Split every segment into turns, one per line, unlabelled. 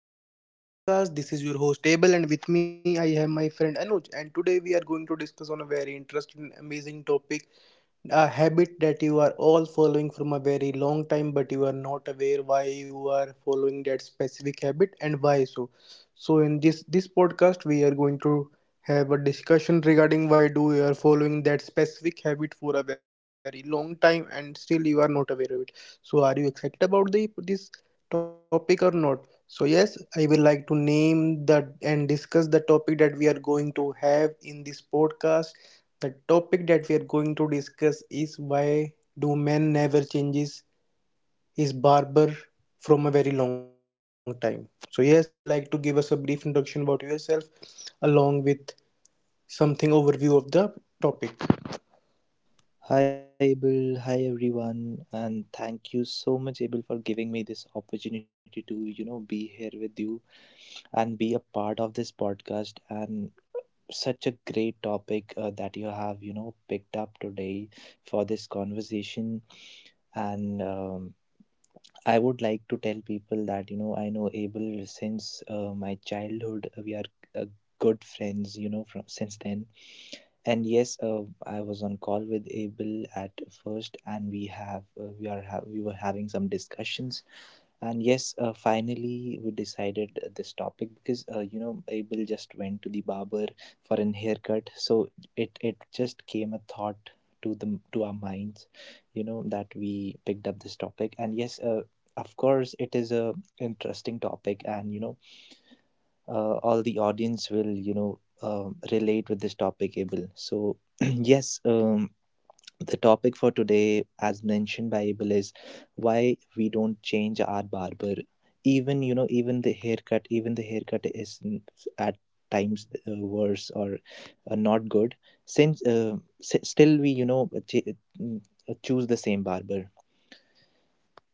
to our series of podcasts. This is your host, Abel, and with me I have my friend Anuj. And today we are going to discuss on a very interesting and amazing topic, a habit that you are all following from a very long time, but you are not aware why you are following that specific habit, and why so. So in this podcast we are going to have a discussion regarding why do you are following that specific habit for a very long time and still you are not aware of it. So are you excited about the this topic or not? So yes, I will like to name that and discuss the topic that we are going to have in this podcast. The topic that we are going to discuss is why do men never changes his barber from a very long time. So yes, Anuj, I will like to give us a brief introduction about yourself along with something overview of the topic.
Hi, Abel, Hi, everyone. And thank you so much, Abel, for giving me this opportunity to, you know, be here with you and be a part of this podcast. And such a great topic that you have, you know, picked up today for this conversation. And I would like to tell people that, you know, I know Abel since my childhood. We are uh, good friends, you know, from since then and yes, I was on call with Abel at first, and we have we were having some discussions. And yes, finally we decided this topic because you know Abel just went to the barber for an haircut, so it just came a thought to our minds, you know that we picked up this topic. And yes, of course it is a interesting topic, and you know all the audience will you know relate with this topic abel so yes the topic for today as mentioned by abel is why we don't change our barber even you know even the haircut at times worse or not good since still we you know mm, choose the same barber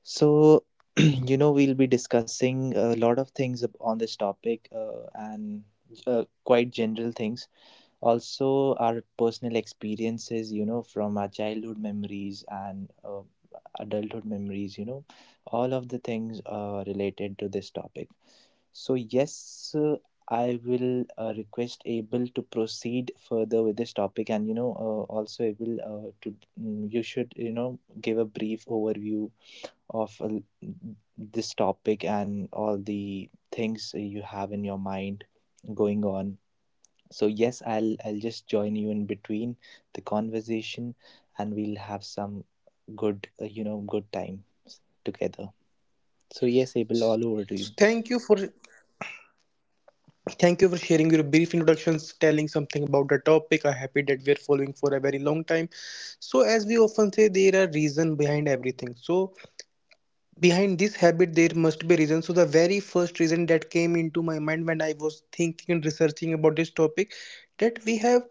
so, you know, we'll be discussing a lot of things on this topic and quite general things. Also, our personal experiences, you know, from our childhood memories and adulthood memories, you know, all of the things related to this topic. So, yes, I will request Abel to proceed further with this topic, and you know, also Abel, you should you know give a brief overview of this topic and all the things you have in your mind going on so yes I'll just join you in between the conversation and we'll have some good you know good time together so yes abel all
So
over to
thank
you.
you for thank you for sharing your brief introductions, telling something about the topic. I'm happy that we are following for a very long time. So, as we often say, there are reason behind everything. So behind this habit there must be reason. So the very first reason that came into my mind when I was thinking and researching about this topic, that we have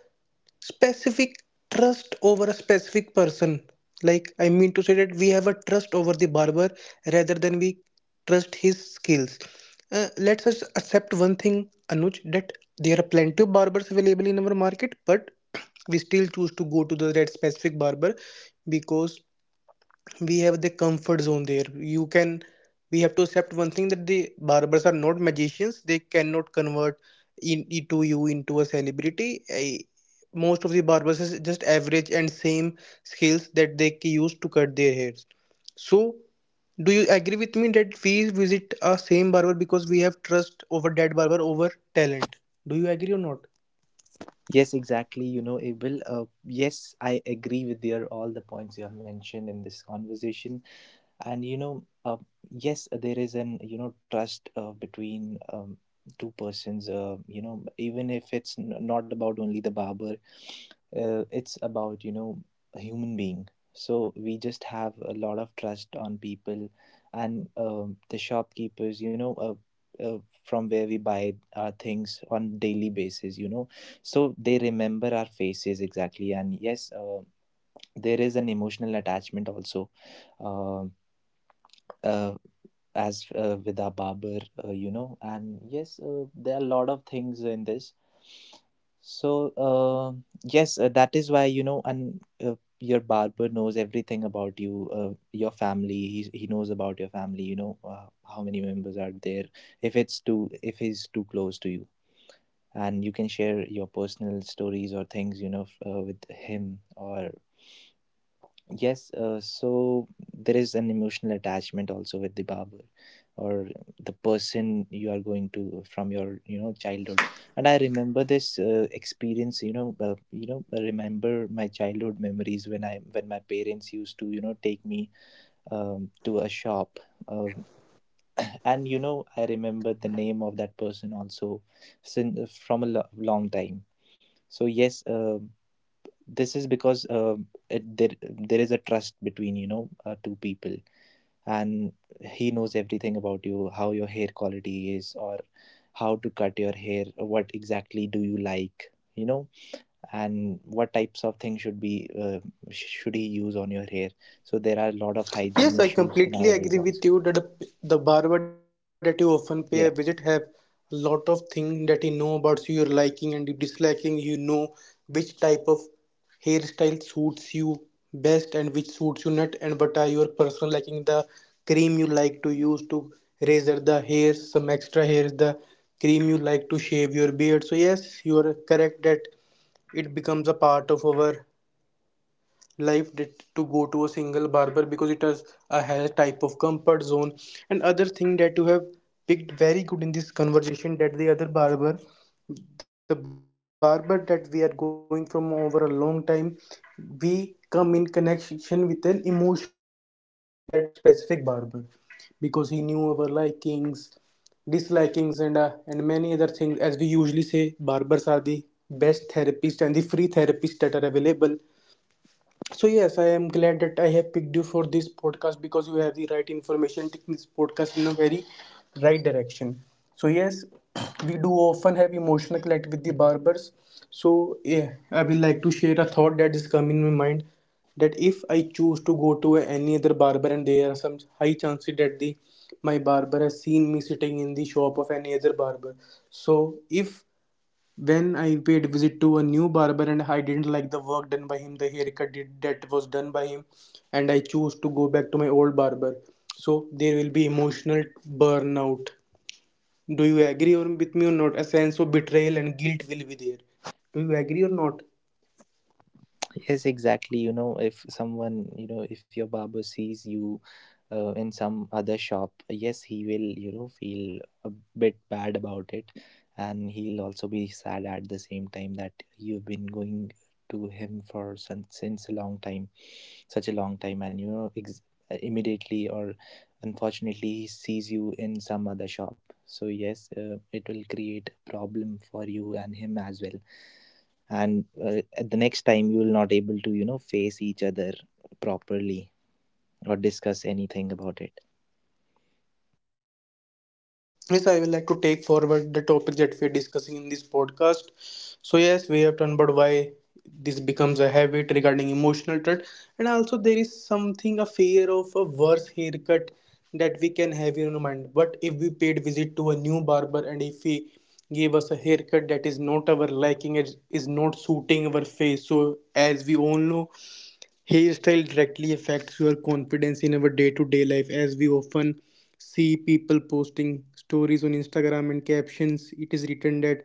specific trust over a specific person. Like, I mean to say that we have a trust over the barber rather than we trust his skills. Let's us accept one thing, Anuj, that there are plenty of barbers available in our market, but we still choose to go to the that specific barber because we have the comfort zone there. You can, we have to accept one thing that the barbers are not magicians. They cannot convert in, into you into a celebrity. Most of the barbers is just average and same skills that they use to cut their hairs. So do you agree with me that we visit a same barber because we have trust over that barber over talent? Do you agree or not?
Yes, exactly, you know abel yes I agree with your all the points you have mentioned in this conversation and you know yes there is an you know trust between two persons you know even if not about only the barber it's about you know a human being so we just have a lot of trust on people and the shopkeepers you know uh, from where we buy our things on daily basis you know so they remember our faces exactly and yes there is an emotional attachment also um uh, as with our barber, you know. And yes, there are a lot of things in this. So yes, that is why you know, and your barber knows everything about you, your family. He knows about your family. You know how many members are there. If it's too, if he's too close to you, and you can share your personal stories or things you know with him or yes, so there is an emotional attachment also with the barber or the person you are going to from your you know childhood. And I remember this experience, you know, I remember my childhood memories when my parents used to you know take me to a shop, um, and you know I remember the name of that person also since from a long time. So yes, this is because there is a trust between you know two people and he knows everything about you how your hair quality is or how to cut your hair what exactly do you like you know and what types of things should be should he use on your hair so there are a lot of hygiene
Yes, I
issues
completely
nowadays
agree
also.
with you that the barber that you often pay a visit have
Yeah.
a lot of things that he know about you, your liking and your disliking. You know which type of hairstyle suits you best and which suits you not, and what are your personal liking, the cream you like to use to razor the hairs, some extra hairs, the cream you like to shave your beard. So yes, you are correct that it becomes a part of our life did to go to a single barber because it has a has type of comfort zone, and other thing that you have picked very good in this conversation, that the other barber, the barber that we are going from over a long time, we come in connection with an emotional connect with that specific barber because he knew our likings, dislikings, and many other things. As we usually say, barbers are the best therapist and the free therapist that are available. So yes, I am glad that I have picked you for this podcast because you have the right information taking this podcast in a very right direction. So yes, we do often have emotional connect with the barbers. So yeah, I will like to share a thought that is coming in my mind, that if I choose to go to any other barber, and there are some high chances that the my barber has seen me sitting in the shop of any other barber. So if, when I paid visit to a new barber and I didn't like the work done by him, the haircut did, that was done by him, and I chose to go back to my old barber, so there will be emotional burnout. Do you agree or with me or not? A sense of betrayal and guilt will be there. Do you agree or not?
Yes, exactly. You know, if someone, you know, if your barber sees you in some other shop, yes, he will, you know, feel a bit bad about it. And he'll also be sad at the same time that you've been going to him for since a long time, such a long time. And, you know, immediately or unfortunately, he sees you in some other shop. So, yes, it will create a problem for you and him as well and at the next time you will not able to you know face each other properly or discuss anything about it.
Yes, I would like to take forward the topic that we are discussing in this podcast. So yes, we have done, but why this becomes a habit regarding emotional trait, and also there is something, a fear of a worse haircut that we can have in our mind. But if we paid visit to a new barber and if he gave us a haircut that is not our liking, it is not suiting our face. So, as we all know, hairstyle directly affects your confidence in our day to day life, as we often see people posting stories on Instagram and captions. It is written that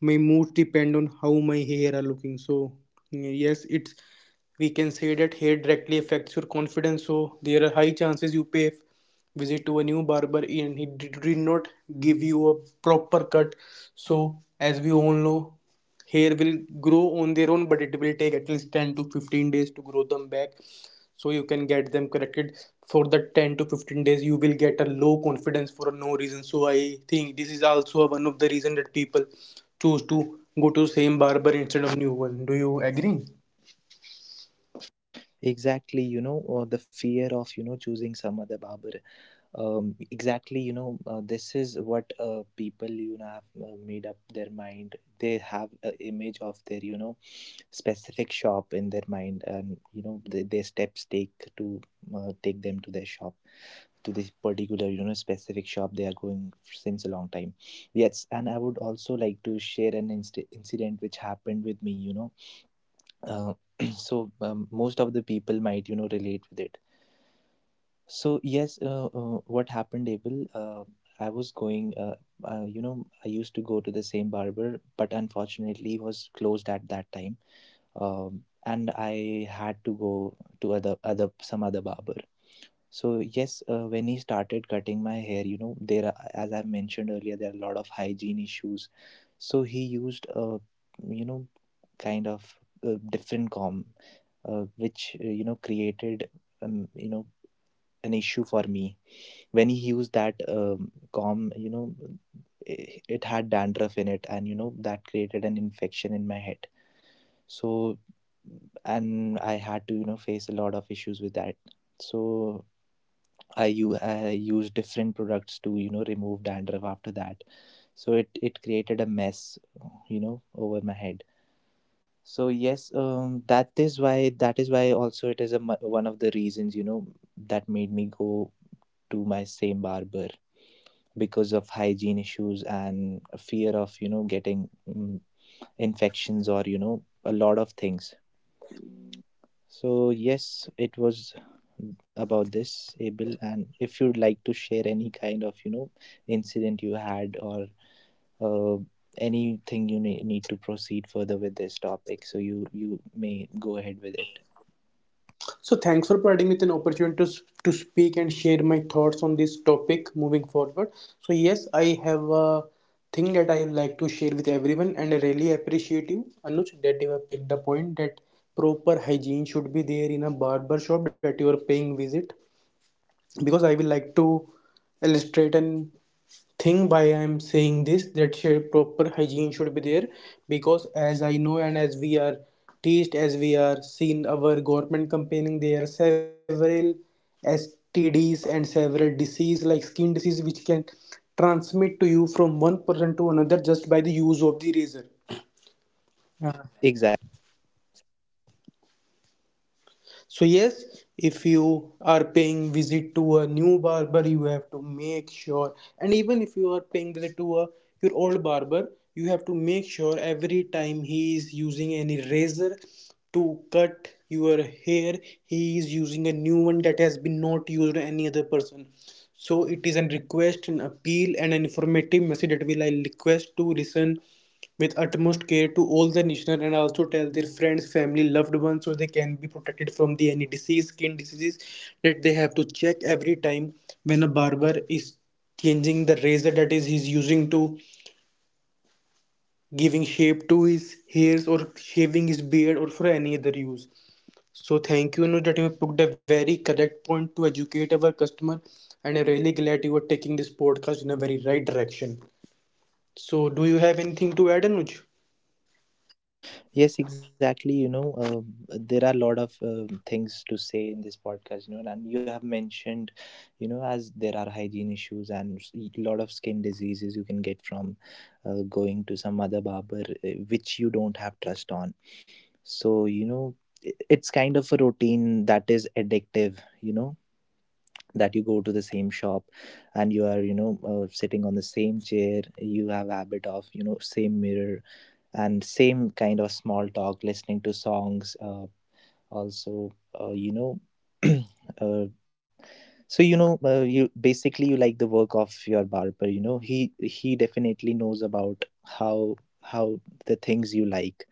my moods depend on how my hair are looking. So yes, it's, we can say that hair directly affects your confidence. So there are high chances you pay visit to a new barber and he did not give you a proper cut. So, as we all know, hair will grow on their own, but it will take at least 10 to 15 days to grow them back, so you can get them corrected. For the 10 to 15 days you will get a low confidence for no reason. So I think this is also one of the reason that people choose to go to same barber instead of new one. Do you agree?
Exactly, you know, or the fear of you know choosing some other barber. Exactly you know this is what people you know have made up their mind, they have an image of their you know specific shop in their mind and you know their steps take to take them to their shop to this particular you know specific shop they are going since a long time. Yes, and I would also like to share an incident which happened with me you know uh, so most of the people might you know relate with it. So yes, what happened, Abel? I was going. You know, I used to go to the same barber, but unfortunately, he was closed at that time. And I had to go to other other some other barber. So yes, when he started cutting my hair, you know, there are, as I mentioned earlier, there are a lot of hygiene issues. So he used a, you know, kind of different comb, which you know created, um, you know, an issue for me when he used that comb you know it had dandruff in it and you know that created an infection in my head so and I had to you know face a lot of issues with that so I used different products to you know remove dandruff after that so it created a mess you know over my head. So yes that is why also it is a one of the reasons you know that made me go to my same barber because of hygiene issues and fear of you know getting infections or you know a lot of things. So yes it was about this abel and if you'd like to share any kind of you know incident you had or uh, anything you need to proceed further with this topic so you may go ahead with it.
So thanks for providing me with an opportunity to speak and share my thoughts on this topic, moving forward. So yes, I have a thing that I like to share with everyone, and I really appreciate you, Anuj, that you have picked the point that proper hygiene should be there in a barber shop that you are paying visit. Because I will like to illustrate an thing by I am saying this, that proper hygiene should be there, because as I know and as we are teased, as we are seen our government campaigning, there are several STDs and several disease like skin disease which can transmit to you from one person to another just by the use of the razor.
Exactly.
So yes, if you are paying visit to a new barber, you have to make sure, and even if you are paying visit to a your old barber, you have to make sure every time he is using any razor to cut your hair, he is using a new one that has been not used by any other person. So it is a request, an appeal, and an informative message that will I request to listen with utmost care to all the listeners, and also tell their friends, family, loved ones, so they can be protected from the any disease, skin diseases, that they have to check every time when a barber is changing the razor that is he's using to giving shape to his hairs or shaving his beard or for any other use. So thank you, Anu, that you have put a very correct point to educate our customer, and I'm really glad you are taking this podcast in a very right direction. So do you have anything to add, Anuj?
Yes, exactly. You know, there are a lot of things to say in this podcast, you know, and you have mentioned, you know, as there are hygiene issues and a lot of skin diseases you can get from going to some other barber, which you don't have trust on. So, you know, it's kind of a routine that is addictive, you know, that you go to the same shop and you are, you know, sitting on the same chair, you have habit of, you know, same mirror and same kind of small talk listening to songs also you know uh, so you know you basically you like the work of your barber you know he definitely knows about how the things you like,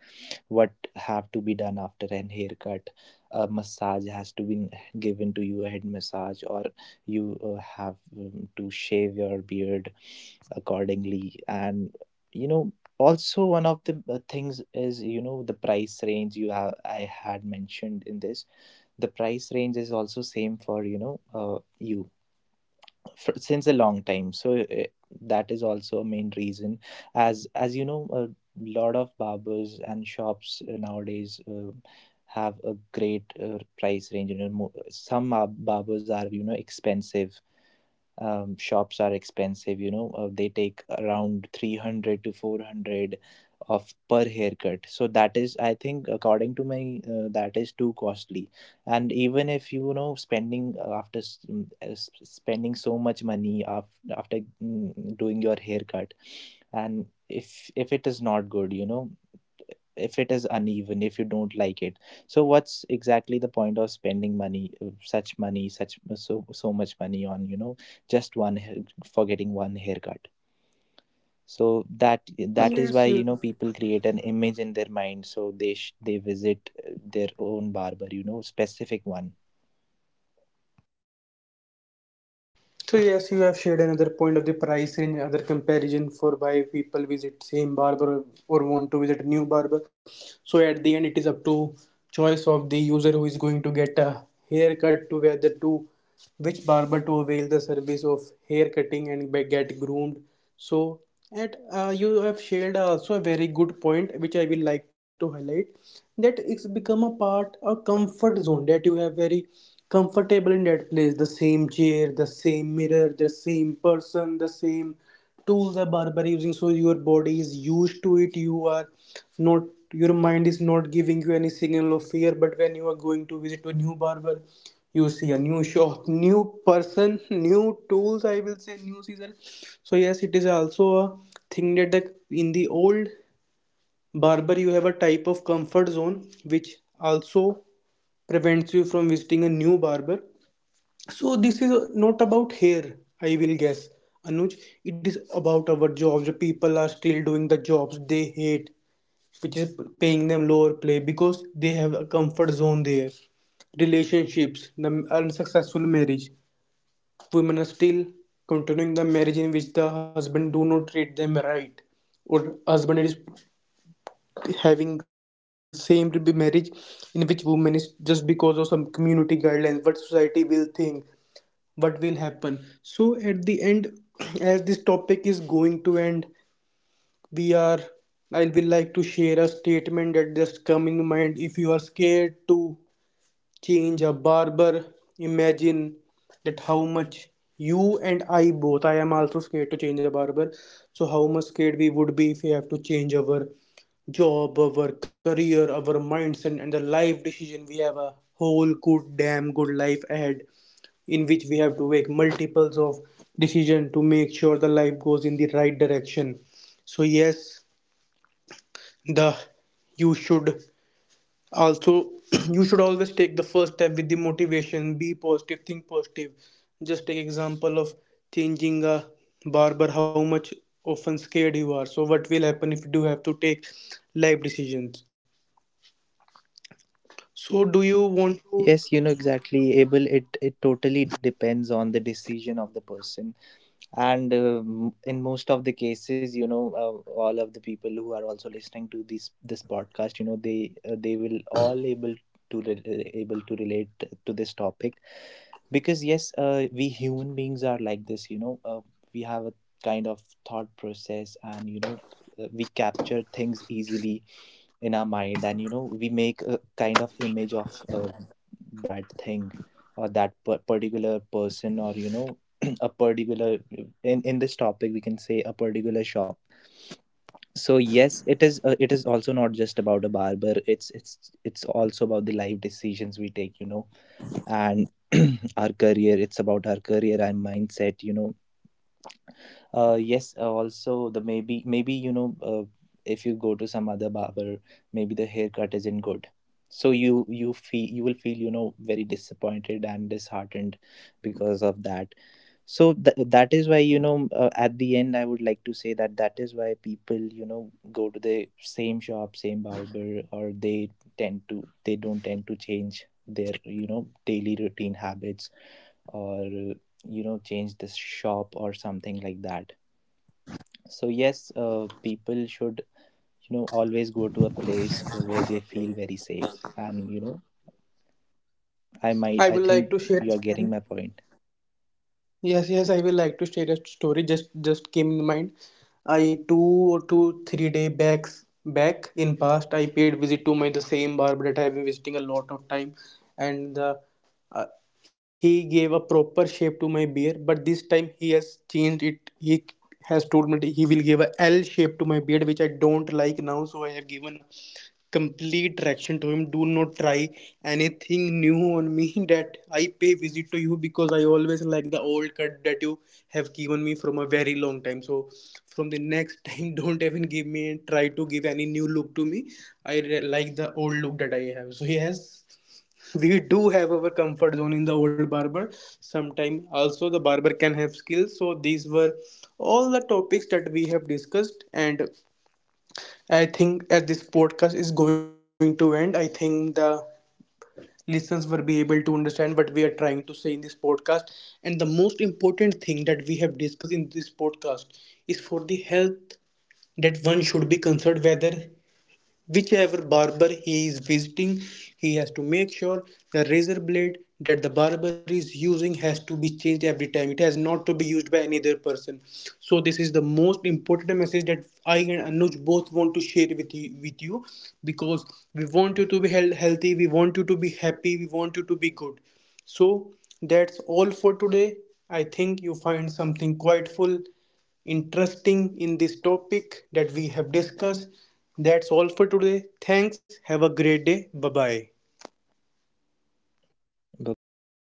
what have to be done after an haircut, a massage has to be given to you, a head massage, or you have to shave your beard accordingly. And you know also one of the things is you know the price range you have I had mentioned in this, the price range is also same for you know you fr since a long time so that is also a main reason. As you know a lot of barbers and shops nowadays have a great price range you know some barbers are you know expensive, shops are expensive you know they take around 300 to 400 of per haircut so that is I think according to my that is too costly. And even if you know spending after s- mm, s- spending so much money after doing your haircut, and if it is not good you know, if it is uneven, if you don't like it, so what's exactly the point of spending money such money such so so much money on you know just one for getting one haircut. So that is why
Yes,
you
you
know
have.
people create an image in their mind so they they visit their own barber you know specific one.
So yes, you have shared another point of the price range, other comparison for why people visit same barber or want to visit new barber. So at the end, it is up to choice of the user who is going to get a haircut to whether to which barber to avail the service of hair cutting and get groomed. So at, you have shared also a very good point which I will like to highlight, that it's become a part, a comfort zone, that you have very comfortable in that place, the same chair, the same mirror, the same person, the same tools are barber using. So your body is used to it. You are not, your mind is not giving you any signal of fear. But when you are going to visit to a new barber, you see a new shop, new person, new tools, I will say new season. So yes, it is also a thing that the, in the old barber, you have a type of comfort zone which also prevents you from visiting a new barber. So this is not about hair, I will guess, Anuj. It is about our jobs. People are still doing the jobs they hate, which is paying them lower pay because they have a comfort zone there. Relationships, the unsuccessful marriage. Women are still continuing the marriage in which the husband do not treat them right, or husband is having same marriage in which woman is, just because of some community guidelines, what society will think, what will happen. So at the end, as this topic is going to end, we are I will like to share a statement that just come in mind. If you are scared to change a barber, imagine that how much, you and I both, I am also scared to change a barber. So how much scared we would be if we have to change our job, our career, our mindset, and the life decision. We have a whole good damn good life ahead, in which we have to make multiples of decision to make sure the life goes in the right direction. So yes, the you should also, you should always take the first step with the motivation. Be positive, think positive. Just take example of changing a barber, how much often scared you are. So what will happen if you do have to take life decisions? So do you want to
Yes you know exactly able it totally depends on the decision of the person and in most of the cases you know all of the people who are also listening to this podcast you know they will all able to able to relate to this topic because yes we human beings are like this you know we have a kind of thought process and you know we capture things easily in our mind and you know we make a kind of image of that thing or that particular person or you know a particular, in this topic we can say a particular shop. So yes it is also not just about a barber, it's also about the life decisions we take you know, and our career, it's about our career and mindset you know. Yes, also the maybe you know if you go to some other barber, maybe the haircut isn't good. So you feel you will feel you know very disappointed and disheartened because of that. So that is why you know at the end I would like to say that that is why people you know go to the same shop, same barber, or they tend to they don't tend to change their you know daily routine habits or you know change the shop or something like that. So yes, people should you know always go to a place where they feel very safe. And you know,
I
I
would like
think
to share.
you are getting my point.
Yes, yes, I will like to share a story. Just came in mind. I 2 or 2 3 day backs back in past, I paid visit to my the same barber that I have been visiting a lot of time, and the, uh, he gave a proper shape to my beard. But this time he has changed it. He has told me that he will give a L shape to my beard, which I don't like now. So I have given a complete direction to him. Do not try anything new on me that I pay visit to you, because I always like the old cut that you have given me from a very long time. So from the next time, don't even give me and try to give any new look to me. I like the old look that I have. So yes. We do have our comfort zone in the old barber. Sometime also the barber can have skills. So these were all the topics that we have discussed, and I think as this podcast is going to end, I think the listeners will be able to understand what we are trying to say in this podcast. And the most important thing that we have discussed in this podcast is for the health, that one should be concerned whether whichever barber he is visiting, he has to make sure the razor blade that the barber is using has to be changed every time. It has not to be used by any other person. So this is the most important message that I and Anuj both want to share with you because we want you to be healthy, we want you to be happy, we want you to be good. So that's all for today. I think you find something quite full interesting in this topic that we have discussed. That's all for today. Thanks. Have a great day. Bye bye.
Bye bye.